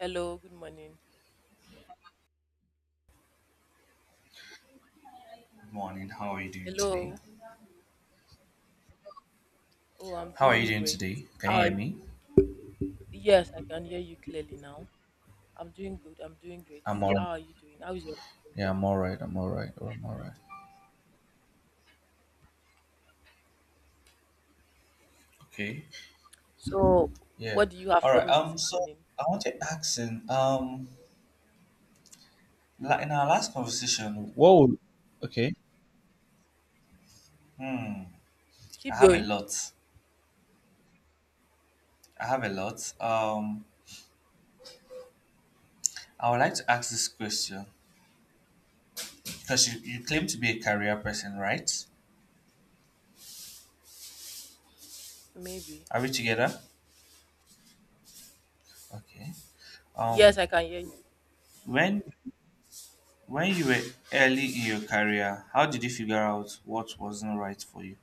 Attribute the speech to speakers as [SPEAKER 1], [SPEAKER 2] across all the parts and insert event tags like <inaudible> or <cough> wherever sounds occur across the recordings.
[SPEAKER 1] Hello, good morning.
[SPEAKER 2] Good morning. How are you doing today?
[SPEAKER 1] Hello. Oh, I'm
[SPEAKER 2] How are you
[SPEAKER 1] doing
[SPEAKER 2] doing
[SPEAKER 1] great.
[SPEAKER 2] today? Can you
[SPEAKER 1] Uh,
[SPEAKER 2] hear me?
[SPEAKER 1] yes, I can hear you clearly now. I'm doing good. I'm doing great.
[SPEAKER 2] I'm all right.
[SPEAKER 1] How are you doing? How is your morning
[SPEAKER 2] Yeah, I'm
[SPEAKER 1] going?
[SPEAKER 2] all right. I'm all right. I'm all right. Okay.
[SPEAKER 1] So,
[SPEAKER 2] Yeah.
[SPEAKER 1] what do you have
[SPEAKER 2] All
[SPEAKER 1] for
[SPEAKER 2] right.
[SPEAKER 1] me this
[SPEAKER 2] So
[SPEAKER 1] morning?
[SPEAKER 2] I wanted to ask in our last conversation. Whoa. Okay. hmm, I
[SPEAKER 1] Keep
[SPEAKER 2] have a
[SPEAKER 1] going.
[SPEAKER 2] lot. I have a lot. I would like to ask this question because you claim to be a career person, right?
[SPEAKER 1] Maybe.
[SPEAKER 2] Are we together? Okay.
[SPEAKER 1] Yes,
[SPEAKER 2] Um.
[SPEAKER 1] I can hear you.
[SPEAKER 2] When you were early in your career, how did you figure out what wasn't right for you?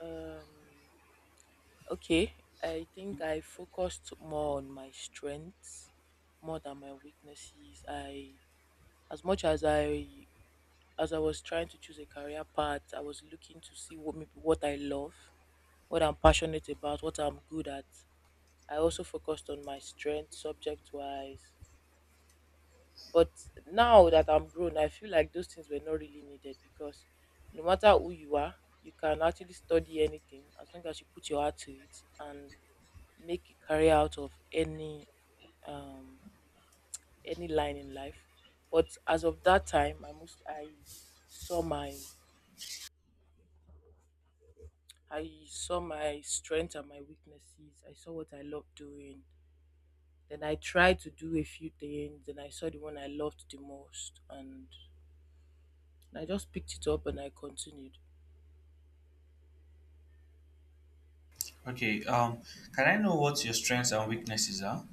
[SPEAKER 1] Um, okay. I think I focused more on my strengths more than my weaknesses. I, as much as I was trying to choose a career path, I was looking to see what maybe what I love, what I'm passionate about, what I'm good at. I also focused on my strength subject wise. But now that I'm grown, I feel like those things were not really needed because no matter who you are, you can actually study anything as long as you put your heart to it and make a career out of um any line in life. But as of that time, saw my I saw my strengths and my weaknesses. I saw what I love doing. Then I tried to do a few things. Then I saw the one I loved the most. And I just picked it up and I continued.
[SPEAKER 2] Okay, can I know what your strengths and weaknesses are?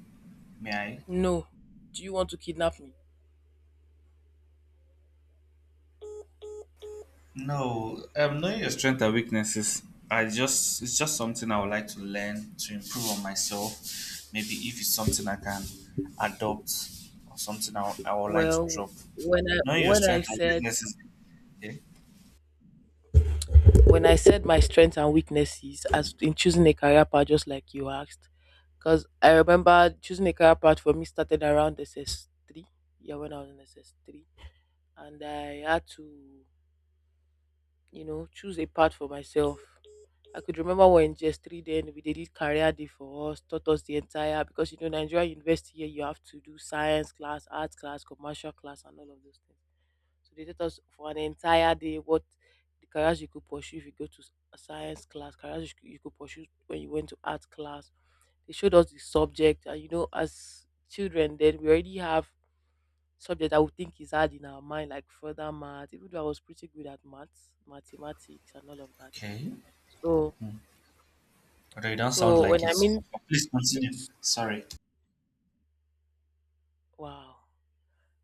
[SPEAKER 2] May I?
[SPEAKER 1] No, do you want to kidnap me?
[SPEAKER 2] No, knowing your strengths and weaknesses, I just it's just something I would like to learn to improve on myself. Maybe if it's something I can adopt or something I would like to
[SPEAKER 1] Well,
[SPEAKER 2] drop.
[SPEAKER 1] when I
[SPEAKER 2] Knowing your
[SPEAKER 1] when I
[SPEAKER 2] strengths and
[SPEAKER 1] said
[SPEAKER 2] weaknesses. Okay.
[SPEAKER 1] when I said my strengths and weaknesses as in choosing a career path, just like you asked, because I remember choosing a career path for me started around SS three. Yeah, when I was in SS three, and I had to choose a path for myself. I could remember when just 3 then we they did career day for us, taught us the entire because you know Nigeria University here you have to do science class, arts class, commercial class and all of those things. So they taught us for an entire day what the careers you could pursue if you go to a science class, careers you could pursue when you went to art class. They showed us the subject and you know as children then we already have subject I would think is hard in our mind, like further math, even though I was pretty good at maths, mathematics, and all of that.
[SPEAKER 2] Okay.
[SPEAKER 1] So,
[SPEAKER 2] Although you don't sound
[SPEAKER 1] so, when
[SPEAKER 2] like
[SPEAKER 1] I
[SPEAKER 2] it.
[SPEAKER 1] mean,
[SPEAKER 2] Please continue.
[SPEAKER 1] s-
[SPEAKER 2] Sorry.
[SPEAKER 1] wow,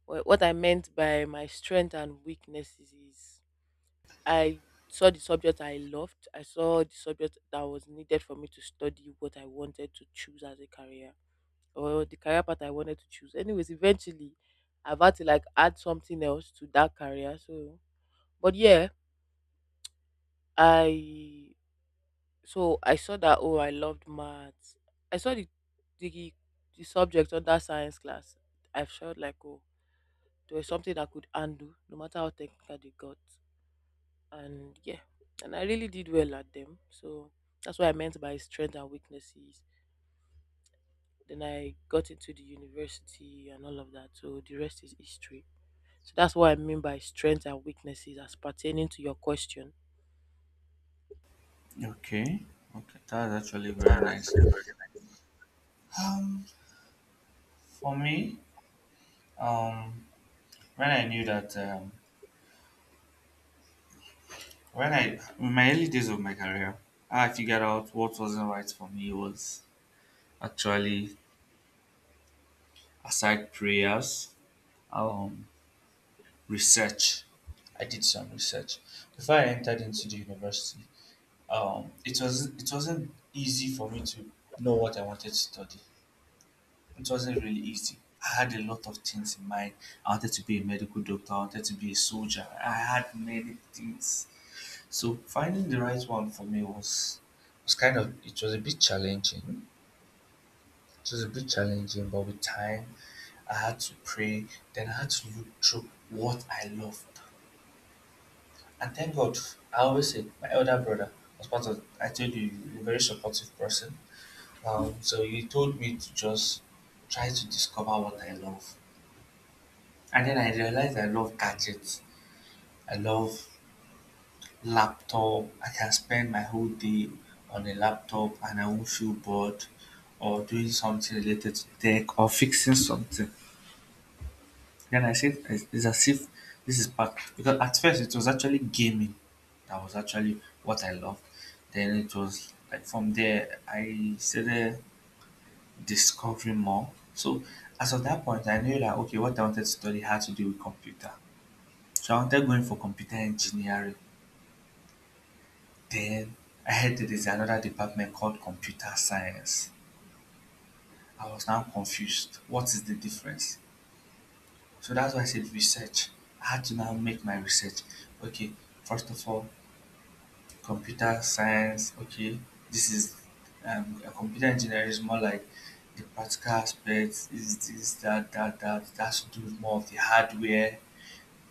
[SPEAKER 1] what I meant by my strength and weaknesses is I saw the subject I loved, I saw the subject that was needed for me to study what I wanted to choose as a career or the career path I wanted to choose. Anyways, eventually, I've had to like add something else to that career. So, but yeah, I So I saw that oh I loved maths. I saw the the, the subject under science class. I felt like oh there was something I could undo no matter how technical they got. And yeah. And I really did well at them. So that's what I meant by strength and weaknesses. Then I got into the university and all of that. So the rest is history. So that's what I mean by strength and weaknesses as pertaining to your question.
[SPEAKER 2] Okay, okay, that's actually very nice. Um, for me, um, when I knew that, when I in my early days of my career, how I figured out what wasn't right for me was actually aside prayers, um, research. I did some research before I entered into the university. It was it wasn't easy for me to know what I wanted to study. It wasn't really easy. I had a lot of things in mind. I wanted to be a medical doctor, I wanted to be a soldier. I had many things. So finding the right one for me was kind of it was a bit challenging. It was a bit challenging, but with time I had to pray, then I had to look through what I loved. And thank God, I always say my elder brother was part of I told you he's a very supportive person. So he told me to just try to discover what I love. And then I realized I love gadgets. I love laptop. I can spend my whole day on a laptop and I won't feel bored or doing something related to tech or fixing something. Then I said it's as if this is part because at first it was actually gaming that was actually what I loved. Then it was like from there I started discovering more. So as of that point I knew that okay what I wanted to study had to do with computer. So I wanted going for computer engineering. Then I heard that there's another department called computer science. I was now confused. What is the difference? So that's why I said research. I had to now make my research. Okay, first of all, computer science. Okay, this is a computer engineering is more like the practical aspects. Is this that? That's to do with more of the hardware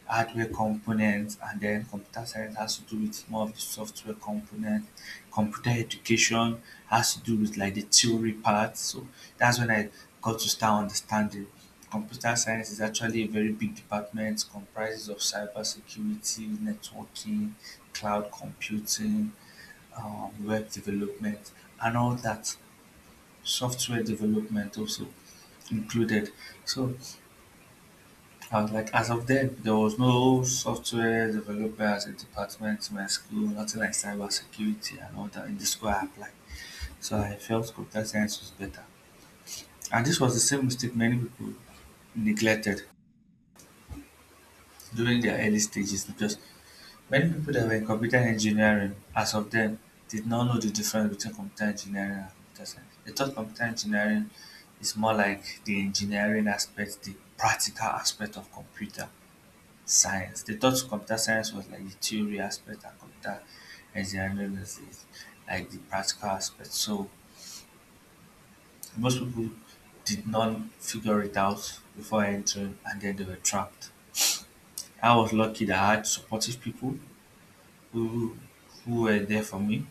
[SPEAKER 2] hardware components, and then computer science has to do with more of the software component. Computer education has to do with like the theory part. So that's when I got to start understanding computer science is actually a very big department, comprises of cybersecurity, networking, cloud computing, web development and all that, software development also included. So and like as of then, there was no software developers in department, in my school, nothing like cyber security and all that in the school I applied. So I felt computer science was better. And this was the same mistake many people neglected during their early stages, because many people that were in computer engineering as of then did not know the difference between computer engineering and computer science. They thought computer engineering is more like the engineering aspect, the practical aspect of computer science. They thought computer science was like the theory aspect and computer engineering was the, like the practical aspect. So most people did not figure it out before entering and then they were trapped. I was lucky that I had supportive people who were there for me.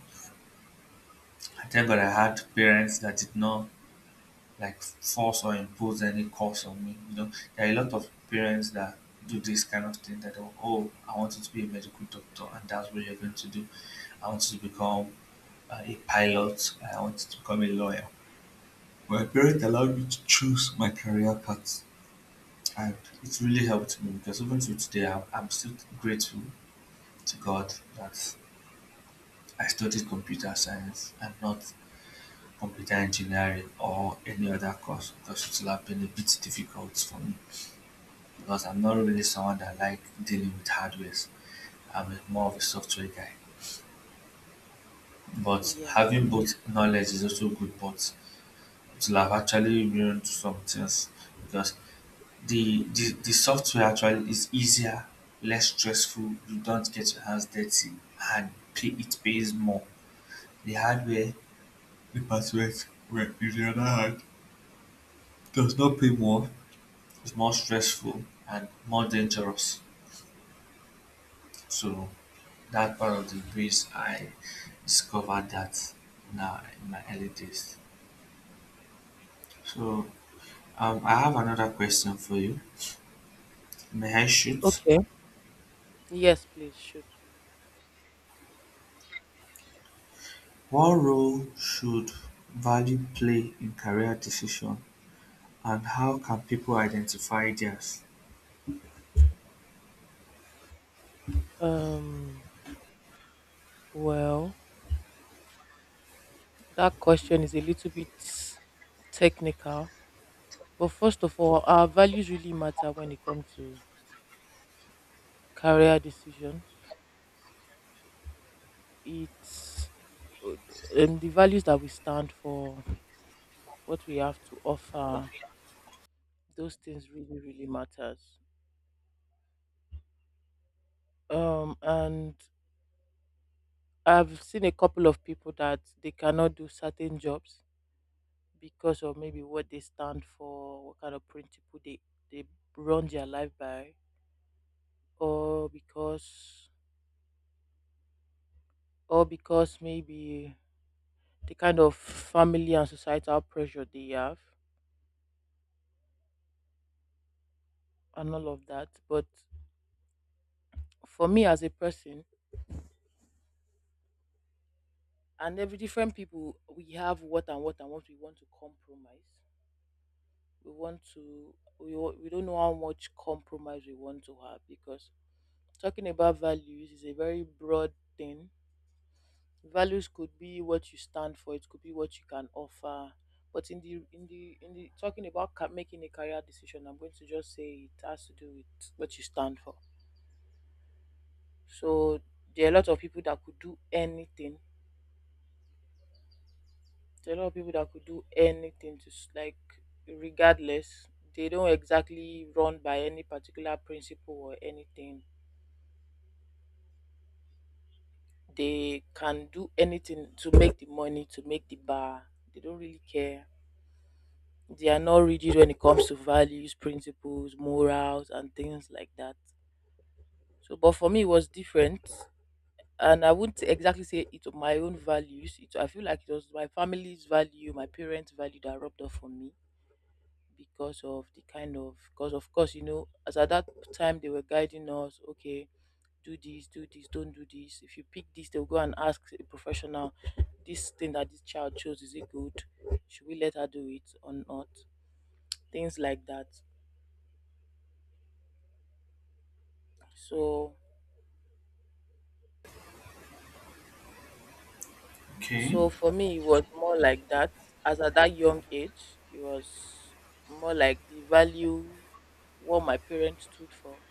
[SPEAKER 2] I thank God I had parents that did not like force or impose any course on me. You know, there are a lot of parents that do this kind of thing that oh, oh I want you to be a medical doctor and that's what you're going to do. I want you to become a pilot. I wanted to become a lawyer. My parents allowed me to choose my career path, and it really helped me because even till today, I'm still grateful to God that I studied computer science and not computer engineering or any other course, because it would have been a bit difficult for me because I'm not really someone that like dealing with hardwares. More of a software guy. But
[SPEAKER 1] Yeah.
[SPEAKER 2] having both knowledge is also good, but it will have actually ruined some things because the software actually is easier, less stressful. You don't get your hands dirty, and it pays more. The hardware department, well, on the other hand, does not pay more. It's more stressful and more dangerous. So that part of the breeze, I discovered that now in my early days. So I have another question for you. May I shoot?
[SPEAKER 1] Okay. Yes, please shoot.
[SPEAKER 2] What role should value play in career decision, and how can people identify theirs?
[SPEAKER 1] Um well, that question is a little bit technical, but first of all, our values really matter when it comes to career decisions. It's the values that we stand for, what we have to offer, those things really, really matters. And I've seen a couple of people that they cannot do certain jobs because of maybe what they stand for, what kind of principle they run their life by, or because maybe the kind of family and societal pressure they have and all of that. But for me as a person and every different people, we have what and what and what we want to compromise. We want to we don't know how much compromise we want to have because talking about values is a very broad thing. Values could be what you stand for. It could be what you can offer. But in the talking about making a career decision, I'm going to just say it has to do with what you stand for. So there are a lot of people that could do anything. There are a lot of people that could do anything, just like regardless. They don't exactly run by any particular principle or anything. They can do anything to make the money, to make the bar. They don't really care they are not rigid when it comes to values, principles, morals, and things like that. So, but for me, it was different, and I wouldn't exactly say it was my own values. It, I feel like it was my family's value, my parents' value that rubbed off on me because of the kind of, because of course, you know, as at that time they were guiding us. Okay, do this, don't do this. If you pick this, they'll go and ask a professional. This thing that this child chose is it good? Should we let her do it or not? Things like that. So
[SPEAKER 2] Okay.
[SPEAKER 1] so for me it was more like that. As at that young age, it was more like the value what my parents stood for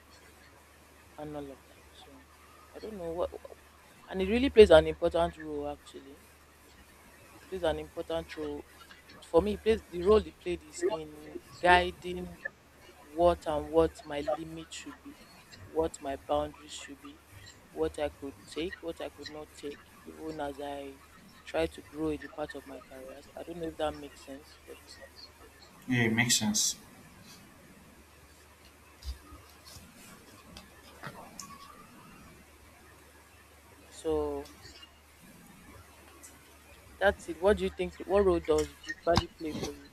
[SPEAKER 1] and all of that. So I don't know what and it really plays an important role actually. It plays an important role for me it plays the role it played is in guiding what and what my limit should be, what my boundaries should be, what I could take, what I could not take, even as I try to grow in the part of my career. I don't know if that makes sense, but
[SPEAKER 2] Yeah, it makes sense.
[SPEAKER 1] so that's it. What do you think? What role does the value play for you?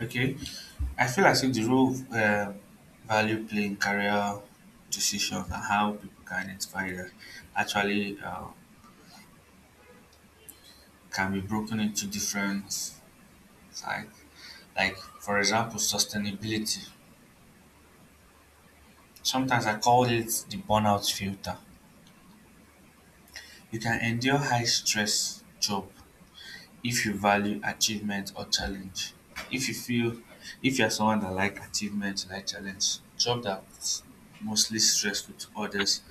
[SPEAKER 2] Okay. I feel as if the role of value play in career decisions and how people can identify that actually can be broken into different sides. Like, for example, sustainability. Sometimes I call it the burnout filter. You can endure high stress job if you value achievement or challenge. If you feel if you are someone that like achievement, like challenge job that's mostly stressful to others,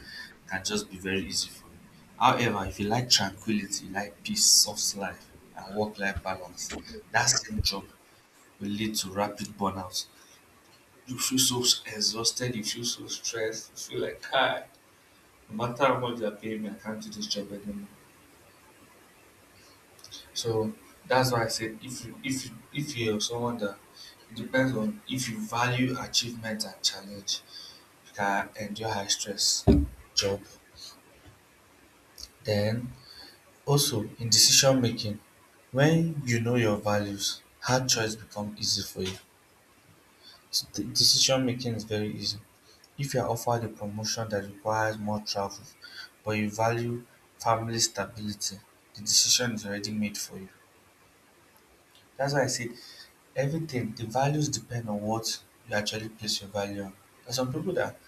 [SPEAKER 2] can just be very easy for you. However, if you like tranquility, like peace, soft life and work life balance, that same job will lead to rapid burnout. You feel so exhausted, you feel so stressed, you feel like hi, no matter how much they are paying me, I can't do this job anymore. So that's why I said if if you're someone that it depends on if you value achievement and challenge, you can endure high stress job. Then also in decision making, when you know your values, hard choice become easy for you. So decision making is very easy. If you are offered a promotion that requires more travel, but you value family stability, the decision is already made for you. That's why I said everything the values depend on what you actually place your value on. There are some people that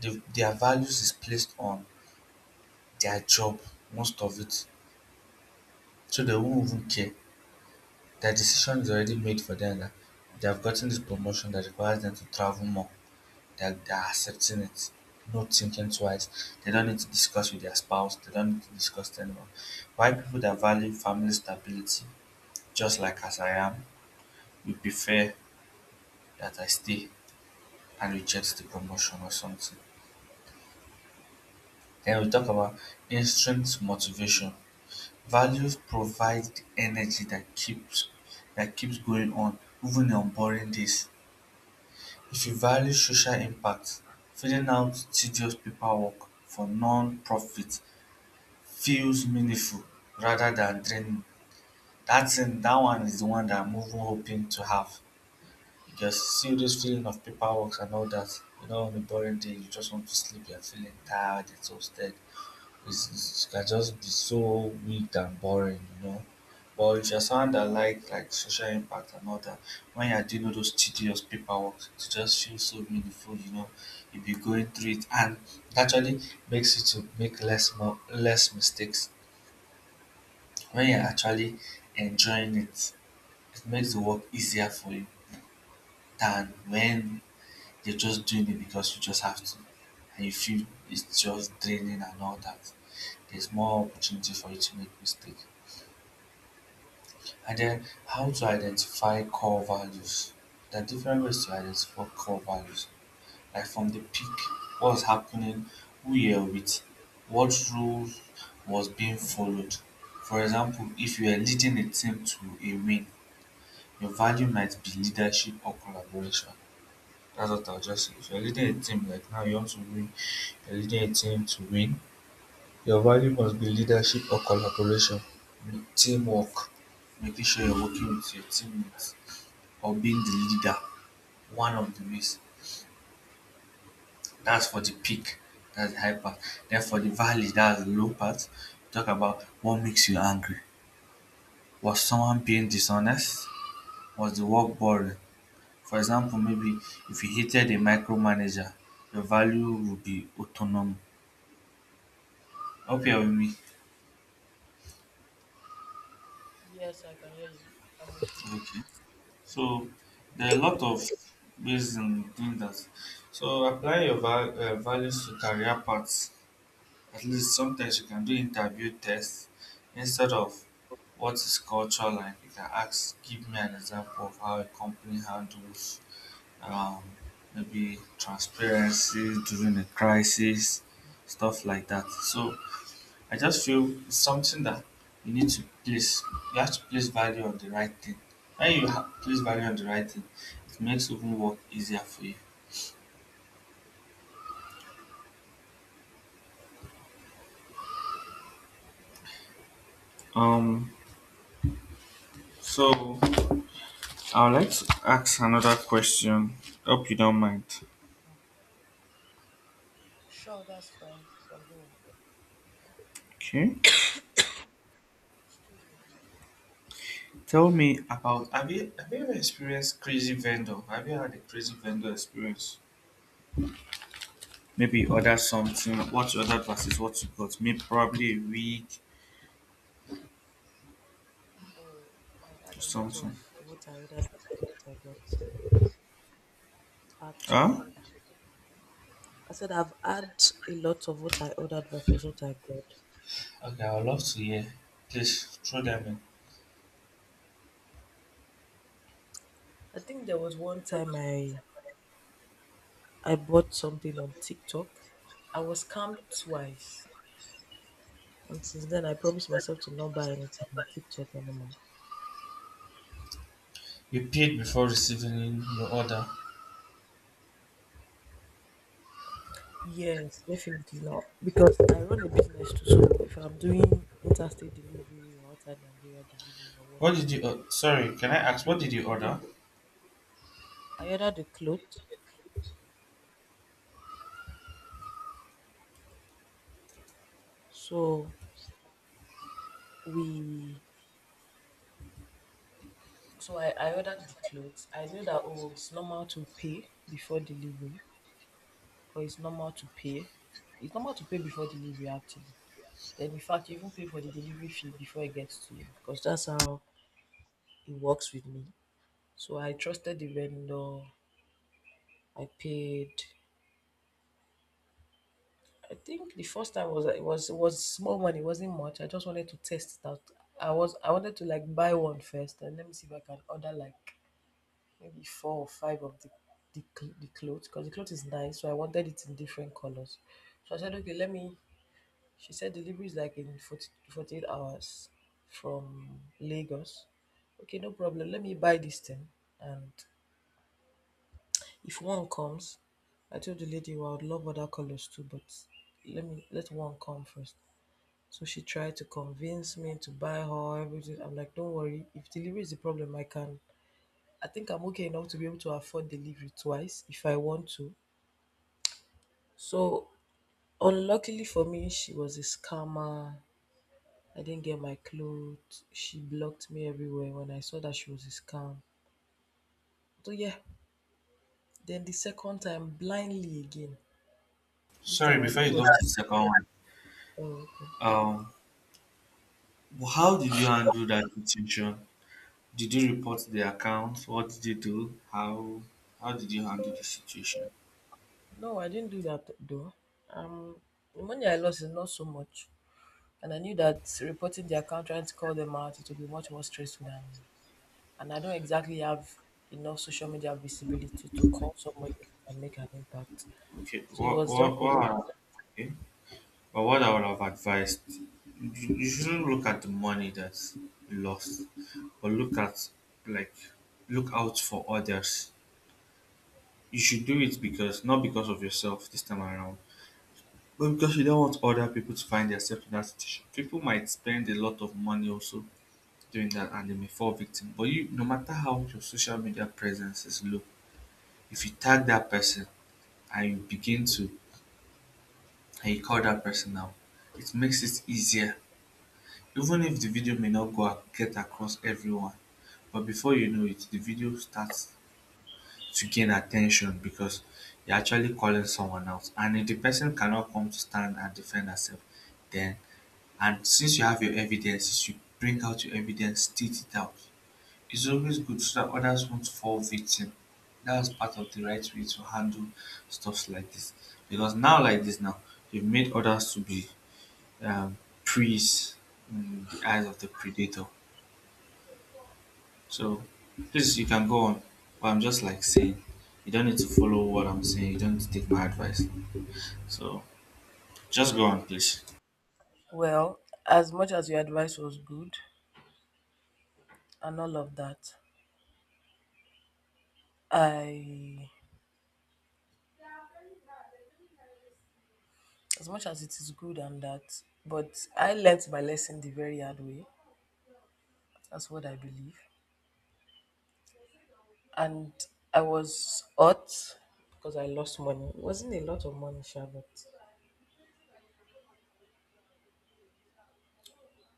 [SPEAKER 2] their values is placed on their job, most of it. So they won't even care. Their decision is already made for them that they have gotten this promotion that requires them to travel more. They're accepting it, not thinking twice. They don't need to discuss with their spouse, they don't need to discuss to anyone. Why people that value family stability, just like as I am, we prefer that I stay and reject the promotion or something. Then we talk about intrinsic motivation. Values provide the energy that keeps going on even on boring days. If you value social impact, filling out tedious paperwork for non-profit feels meaningful rather than draining. That thing, that one is the one that I'm even hoping to have. Because see this feeling of paperwork and all that, you know, on a boring day, you just want to sleep, you're feeling tired, exhausted. It's, it can just be so weak and boring, you know. But if you're someone that like social impact and all that, when you're doing all those tedious paperwork, it just feels so meaningful, you know. You'll be going through it, and it actually makes you to make less mistakes when you're actually enjoying it. It makes the work easier for you than when you're just doing it because you just have to, and you feel it's just draining and all that. There's more opportunity for you to make mistakes. And then how to identify core values. There are different ways to identify core values. Like from the peak, what's happening, who you're with, what rules was being followed. For example, if you are leading a team to a win, your value might be leadership or collaboration. That's what I'll just say. If you're leading a team, like now you want to win, you're leading a team to win, your value must be leadership or collaboration, teamwork, making sure you're working with your teammates or being the leader, one of the ways. That's for the peak, that's the high part. Then for the valley, that's the low part. Talk about what makes you angry. Was someone being dishonest? Was the work boring? For example, maybe if you hated a micromanager, your value would be autonomy. Hope you're with me.
[SPEAKER 1] Yes, I can hear you. I'm with you.
[SPEAKER 2] Okay. So there are a lot of ways in doing that. So apply your values to career paths. At least sometimes you can do interview tests instead of what is culture like. You can ask, give me an example of how a company handles um, maybe transparency during a crisis, stuff like that. So I just feel it's something that you need to place. You have to place value on the right thing. When you place value on the right thing, it makes even work easier for you. Um, so I would like to ask another question. Hope you don't mind.
[SPEAKER 1] Mm. Sure, that's fine. You can go on.
[SPEAKER 2] Okay.
[SPEAKER 1] Excuse me, please.
[SPEAKER 2] Tell me about, have you ever experienced crazy vendor? Have you had a crazy vendor experience? Maybe you order something. What you ordered versus what you got. Maybe probably a week
[SPEAKER 1] Oh, I've
[SPEAKER 2] or
[SPEAKER 1] had a lot of
[SPEAKER 2] something.
[SPEAKER 1] what I heard and what I got,
[SPEAKER 2] Huh?
[SPEAKER 1] actually. I said I've had a lot of what I ordered versus what I got.
[SPEAKER 2] Okay, I would love to hear. Please throw them in.
[SPEAKER 1] I think there was one time I bought something on TikTok. I was scammed twice. And since then I promised myself to not buy anything on TikTok anymore.
[SPEAKER 2] You paid before receiving your order.
[SPEAKER 1] Yes, definitely not. Because I run a business too, so if I'm doing interstate delivery or outside Nigeria delivery or
[SPEAKER 2] What
[SPEAKER 1] whatnot,
[SPEAKER 2] did you? Sorry, can I ask, what
[SPEAKER 1] the-
[SPEAKER 2] did you order?
[SPEAKER 1] I ordered the clothes. So we So I ordered the clothes. I knew that oh it's normal to pay before delivery or it's normal to pay. It's normal to pay before delivery actually. Then in fact you even pay for the delivery fee before it gets to you. Because that's how it works with me. So I trusted the vendor. I paid I think the first time was it was small money, it wasn't much. I just wanted to test it out. I wanted to like buy one first and let me see if I can order like maybe four or five of the clothes because the clothes is nice. So I wanted it in different colors. So I said, okay, let me. She said delivery is like in 40 48 hours from Lagos. Okay, no problem. Let me buy this thing. And if one comes, I told the lady, well, I would love other colors too, but let me let one come first. So she tried to convince me to buy her everything. I'm like, don't worry. If delivery is the problem, I think I'm okay enough to be able to afford delivery twice if I want to. So, unluckily for me, she was a scammer. I didn't get my clothes. She blocked me everywhere when I saw that she was a scam. So, yeah, then the second time, blindly again. This
[SPEAKER 2] Sorry,
[SPEAKER 1] time, I
[SPEAKER 2] before
[SPEAKER 1] think it
[SPEAKER 2] you
[SPEAKER 1] was.
[SPEAKER 2] go to the second one.
[SPEAKER 1] Oh, okay.
[SPEAKER 2] Um. How did you handle that situation? Did you report the account? What did you do? How did you handle the situation?
[SPEAKER 1] No, I didn't do that though. Um, the money I lost is not so much. And I knew that reporting the account, trying to call them out, it would be much more stressful than and I don't exactly have enough social media visibility to call somebody and make an impact.
[SPEAKER 2] Okay.
[SPEAKER 1] So it was just a waste of
[SPEAKER 2] Okay. But what I would have advised you, you shouldn't look at the money that's lost, but look at, like, look out for others. You should do it because, not because of yourself this time around, but because you don't want other people to find themselves in that situation. People might spend a lot of money also doing that and they may fall victim. But you, no matter how your social media presence is low, if you tag that person and you begin to and you call that person out, it makes it easier. Even if the video may not get across everyone, but before you know it, the video starts to gain attention because you're actually calling someone out. And if the person cannot come to stand and defend herself, then, and since you have your evidences, you bring out your evidence, state it out. It's always good so that others won't fall victim. That's part of the right way to handle stuff like this. Because now, like this, now you've made others to be um, priests in the eyes of the predator. So, please, you can go on. But I'm just like saying, you don't need to follow what I'm saying. You don't need to take my advice. So, just go on, please.
[SPEAKER 1] well, as much as your advice was good and all of that, I as much as it is good and that, but I learnt my lesson the very hard way. That's what I believe. And I was hurt because I lost money. It wasn't a lot of money, sure, but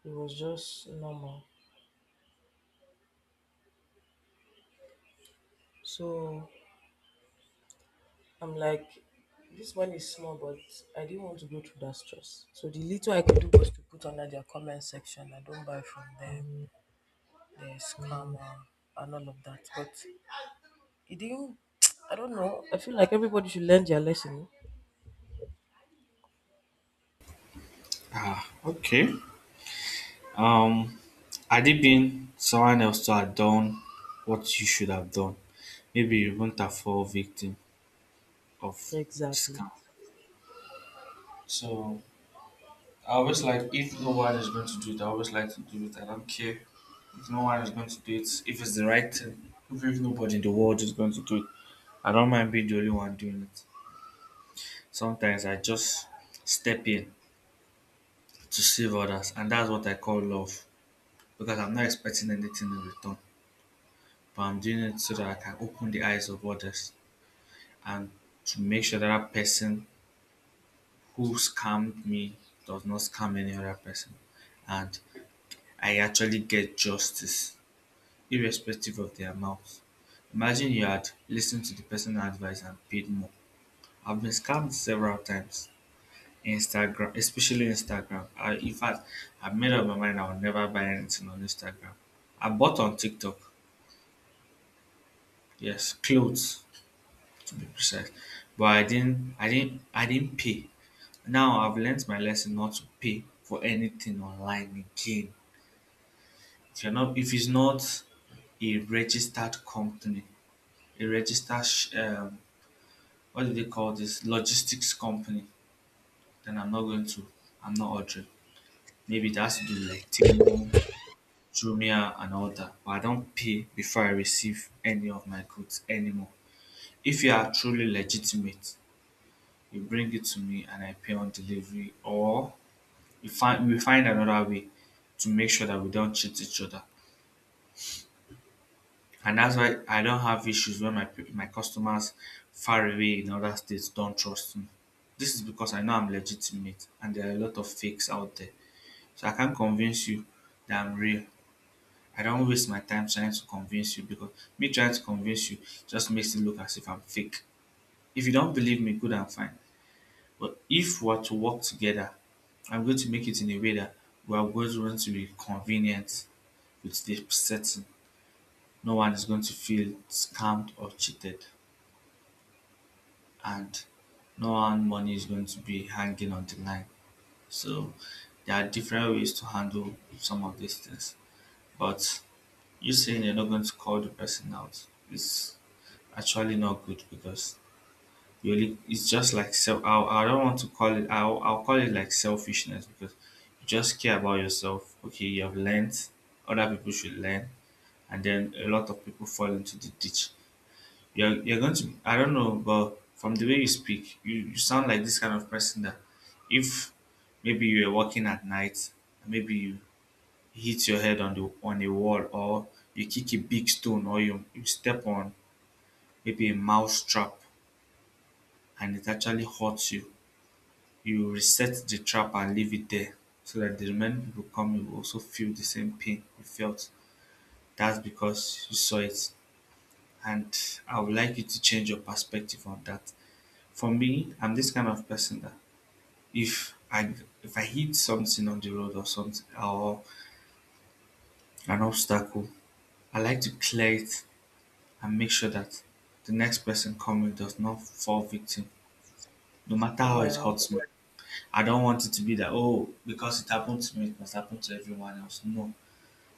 [SPEAKER 1] it was just normal. So I'm like, this money is small, but I didn't want to go through that stress. So the little I could do was to put under their comment section. I don't buy from them. They scam and all of that. But it didn't. <tsk> I don't know. I feel like everybody should learn their lesson.
[SPEAKER 2] Ah, okay. Um, Had it been someone else to have done what you should have done, maybe you wouldn't have fall victim of
[SPEAKER 1] Exactly.
[SPEAKER 2] discount. So I always like, if no one is going to do it, I always like to do it. I don't care, if no one is going to do it, if it's the right thing, if nobody in the world is going to do it, I don't mind being the only one doing it. Sometimes I just step in to save others, and that's what I call love, because I'm not expecting anything in return, but I'm doing it so that I can open the eyes of others and to make sure that that person who scammed me does not scam any other person, and I actually get justice, irrespective of the amount. Imagine you had listened to the personal advice and paid more. I've been scammed several times. Instagram, especially Instagram. I, in fact, I've made up my mind, I will never buy anything on Instagram. I bought on TikTok, yes, clothes to be precise, but I didn't pay. Now I've learned my lesson not to pay for anything online again. If it's not a registered company, a registered what do they call this, logistics company. Then I'm not going to. I'm not ordering. Maybe it has to do with like Temu, Jumia, and all that. But I don't pay before I receive any of my goods anymore. If you are truly legitimate, you bring it to me and I pay on delivery, or you find we find another way to make sure that we don't cheat each other. And that's why I don't have issues when my my customers far away in other states don't trust me. This is because I know I'm legitimate and there are a lot of fakes out there. So I can't convince you that I'm real. I don't waste my time trying to convince you, because me trying to convince you just makes it look as if I'm fake. If you don't believe me, good and fine. But if we're to work together, I'm going to make it in a way that we are both going to be convenient with the setting. No one is going to feel scammed or cheated. And no one money is going to be hanging on the line. So there are different ways to handle some of these things. But you saying you're not going to call the person out is actually not good, because you only, it's just like self. I don't want to call it. I'll call it like selfishness, because you just care about yourself. Okay, you have learned. Other people should learn, and then a lot of people fall into the ditch. You're going to, I don't know, but from the way you speak, you sound like this kind of person that, if maybe you're walking at night, maybe you hit your head on the on a wall, or you kick a big stone, or you step on maybe a mouse trap and it actually hurts you, you reset the trap and leave it there so that the remaining people come, you will also feel the same pain you felt. That's because you saw it. And I would like you to change your perspective on that. For me, I'm this kind of person that if I if I hit something on the road or something, or an obstacle, I like to clear it and make sure that the next person coming does not fall victim. No matter how it
[SPEAKER 1] Well,
[SPEAKER 2] hurts me, I don't want it to be that, oh, because it happened to me, it must happen to everyone else. No,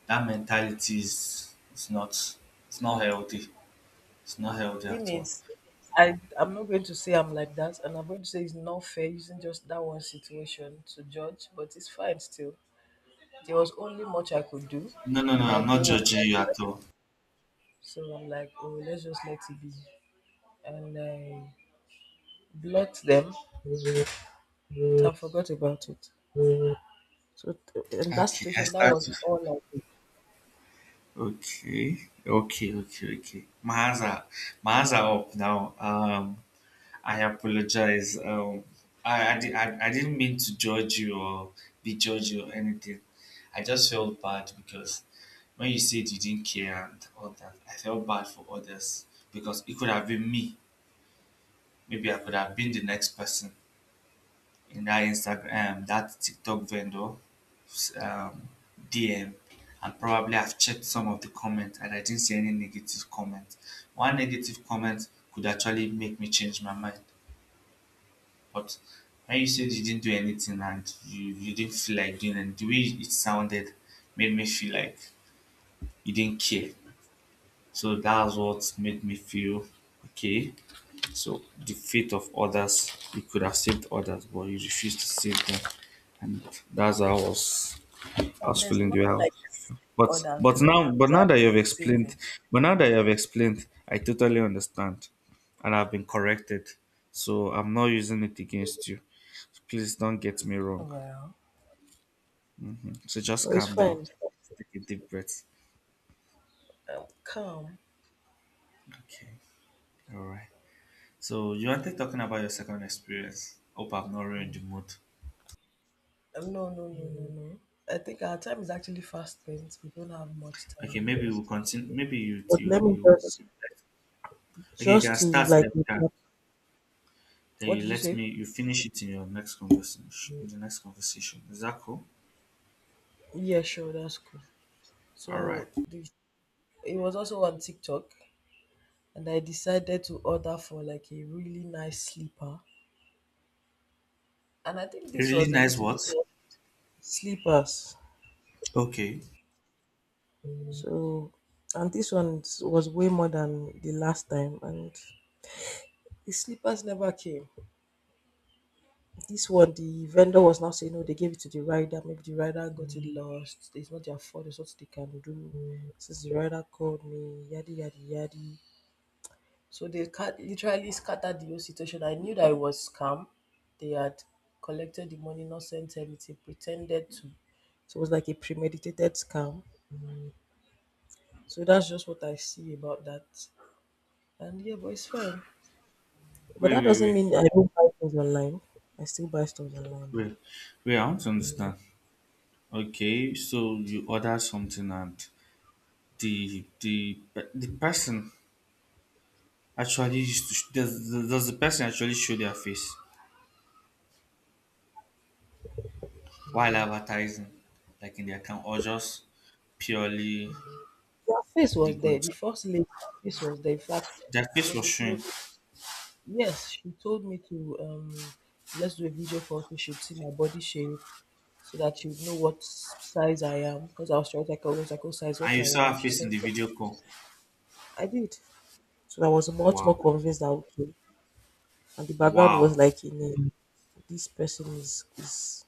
[SPEAKER 2] that mentality is, it's not healthy. It's not healthy
[SPEAKER 1] thing
[SPEAKER 2] at all.
[SPEAKER 1] is, I'm not going to say I'm like that, and I'm going to say it's not fair using just that one situation to judge. But it's fine still. There was only much I could do,
[SPEAKER 2] No, no, no.
[SPEAKER 1] and I
[SPEAKER 2] I'm not
[SPEAKER 1] didn't want.
[SPEAKER 2] judging you at all.
[SPEAKER 1] So I'm like, oh, let's just let it be. And I blocked them. I forgot about it. So in that
[SPEAKER 2] Okay, I
[SPEAKER 1] situation, that was
[SPEAKER 2] start.
[SPEAKER 1] all I did.
[SPEAKER 2] Okay, okay, okay, okay. Maza, Maza up now. I apologize. Um, I didn't mean to judge you or be judge you or anything. I just felt bad because when you said you didn't care and all that, I felt bad for others, because it could have been me. Maybe I could have been the next person in that Instagram, that TikTok vendor, um, DM, and probably I've checked some of the comments and I didn't see any negative comment. One negative comment could actually make me change my mind. But when you said you didn't do anything and you didn't feel like doing it, the way it sounded made me feel like you didn't care. So that's what made me feel okay. So the fate of others, you could have saved others, but you refused to save them, and that's how I
[SPEAKER 1] And
[SPEAKER 2] was
[SPEAKER 1] there's
[SPEAKER 2] feeling the way I
[SPEAKER 1] nothing
[SPEAKER 2] was.
[SPEAKER 1] like
[SPEAKER 2] But
[SPEAKER 1] others. There's not
[SPEAKER 2] now
[SPEAKER 1] exact
[SPEAKER 2] that you have explained,
[SPEAKER 1] saving.
[SPEAKER 2] but now that you have explained, I totally understand, and I've been corrected, so I'm not using it against you. So, please don't get me
[SPEAKER 1] Oh,
[SPEAKER 2] wrong.
[SPEAKER 1] well,
[SPEAKER 2] So just
[SPEAKER 1] no, it's
[SPEAKER 2] calm down,
[SPEAKER 1] fine. It's fine.
[SPEAKER 2] take a deep breath.
[SPEAKER 1] I'm calm.
[SPEAKER 2] Okay, all right. So you wanted talking about your second experience. Hope I've not ruined the mood.
[SPEAKER 1] No, no, no, no, no. I think our time is actually fast spent. We don't have much time
[SPEAKER 2] Okay, maybe
[SPEAKER 1] anymore.
[SPEAKER 2] we'll continue. Maybe you
[SPEAKER 1] But
[SPEAKER 2] you
[SPEAKER 1] let me
[SPEAKER 2] you.
[SPEAKER 1] just
[SPEAKER 2] Okay, you can
[SPEAKER 1] to
[SPEAKER 2] start
[SPEAKER 1] like
[SPEAKER 2] that card.
[SPEAKER 1] recap.
[SPEAKER 2] Then
[SPEAKER 1] What
[SPEAKER 2] you
[SPEAKER 1] did you
[SPEAKER 2] let
[SPEAKER 1] say?
[SPEAKER 2] me you finish it in your next conversation. In the next conversation, is that cool?
[SPEAKER 1] Yeah, sure, that's cool.
[SPEAKER 2] All right.
[SPEAKER 1] So the, it was also on TikTok. And I decided to order for like a really nice slipper. And I think
[SPEAKER 2] A
[SPEAKER 1] this
[SPEAKER 2] really
[SPEAKER 1] was a
[SPEAKER 2] nice
[SPEAKER 1] little
[SPEAKER 2] what?
[SPEAKER 1] bit sleepers.
[SPEAKER 2] Okay.
[SPEAKER 1] So, and this one was way more than the last time, and the sleepers never came. This one, the vendor was now saying, no, they gave it to the rider. Maybe the rider got it lost. It's not their fault. It's what they can do. Since the rider called me, yadi yadi yadi. So they cut literally scattered the whole situation. I knew that it was scam. They had collected the money, not sent anything, pretended to. So it was like a premeditated scam. So that's just what I see about that. And yeah, but it's fine. But
[SPEAKER 2] Wait,
[SPEAKER 1] that
[SPEAKER 2] wait,
[SPEAKER 1] doesn't
[SPEAKER 2] wait,
[SPEAKER 1] mean I don't buy things online. I still buy stuff online though.
[SPEAKER 2] wait, wait. I want to understand. Okay, so you order something and the the the person actually used to sh- does the person actually show their face while advertising, like in the account, or just purely
[SPEAKER 1] Their face
[SPEAKER 2] the
[SPEAKER 1] was there. The
[SPEAKER 2] goods?
[SPEAKER 1] first lady, her face was there. In fact, it
[SPEAKER 2] Their face was
[SPEAKER 1] was a
[SPEAKER 2] showing,
[SPEAKER 1] close. Yes, she told me to let's do a video call so she should see my body shape so that you would know what size I am. Because I was trying to like, I was like, oh, size
[SPEAKER 2] and
[SPEAKER 1] what
[SPEAKER 2] you
[SPEAKER 1] I
[SPEAKER 2] saw
[SPEAKER 1] am.
[SPEAKER 2] her
[SPEAKER 1] She
[SPEAKER 2] face in
[SPEAKER 1] sent
[SPEAKER 2] the
[SPEAKER 1] it.
[SPEAKER 2] video call.
[SPEAKER 1] I did. So I was much more
[SPEAKER 2] Wow,
[SPEAKER 1] convinced that okay. And the background was
[SPEAKER 2] wow.
[SPEAKER 1] like, in a, this person is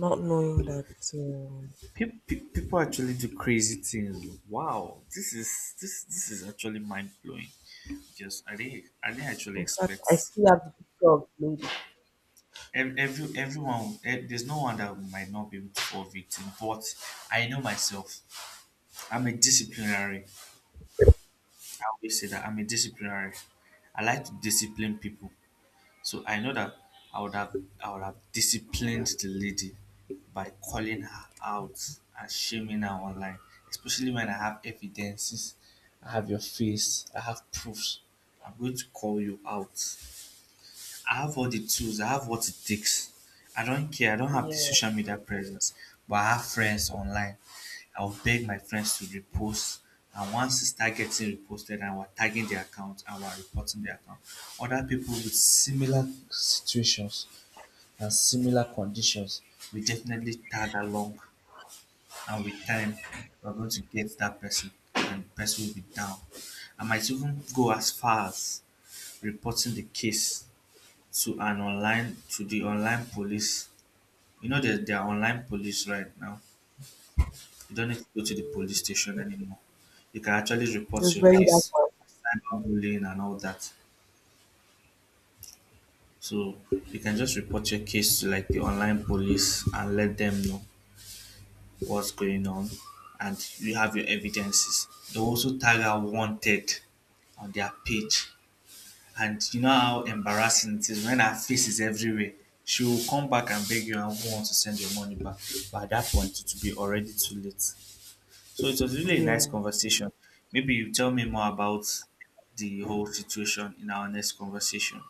[SPEAKER 1] not knowing that. Um,
[SPEAKER 2] People actually do crazy things. Wow, this is this this is actually mind blowing. Just I didn't actually
[SPEAKER 1] in fact,
[SPEAKER 2] expect
[SPEAKER 1] I still have the picture of the lady.
[SPEAKER 2] everyone. There's no one that might not be able to fall victim, but I know myself. I'm a disciplinary. I always say that I'm a disciplinary. I like to discipline people. So I know that I would have I would have disciplined the lady by calling her out and shaming her online, especially when I have evidences, I have your face, I have proofs. I'm going to call you out. I have all the tools, I have what it takes. I don't care, I don't have the
[SPEAKER 1] Yeah,
[SPEAKER 2] social media presence, but I have friends online. I'll beg my friends to repost. And once it starts getting reposted and we're tagging the account and we're reporting the account, other people with similar situations and similar conditions we definitely tag along, and with time we're going to get that person and the person will be down. I might even go as far as reporting the case to an online to the online police. You know that there are online police right now. You don't need to go to the police station anymore. You can actually report
[SPEAKER 1] there's
[SPEAKER 2] your
[SPEAKER 1] very that
[SPEAKER 2] case,
[SPEAKER 1] one.
[SPEAKER 2] cyberbullying and all that. So you can just report your case to like the online police and let them know what's going on, and you have your evidences. They also tag out wanted on their page. And you know how embarrassing it is when her face is everywhere. She will come back and beg you and want to send your money back. But at that point, it will be already too late. So it was really a nice
[SPEAKER 1] Yeah.
[SPEAKER 2] conversation. Maybe you tell me more about the whole situation in our next conversation.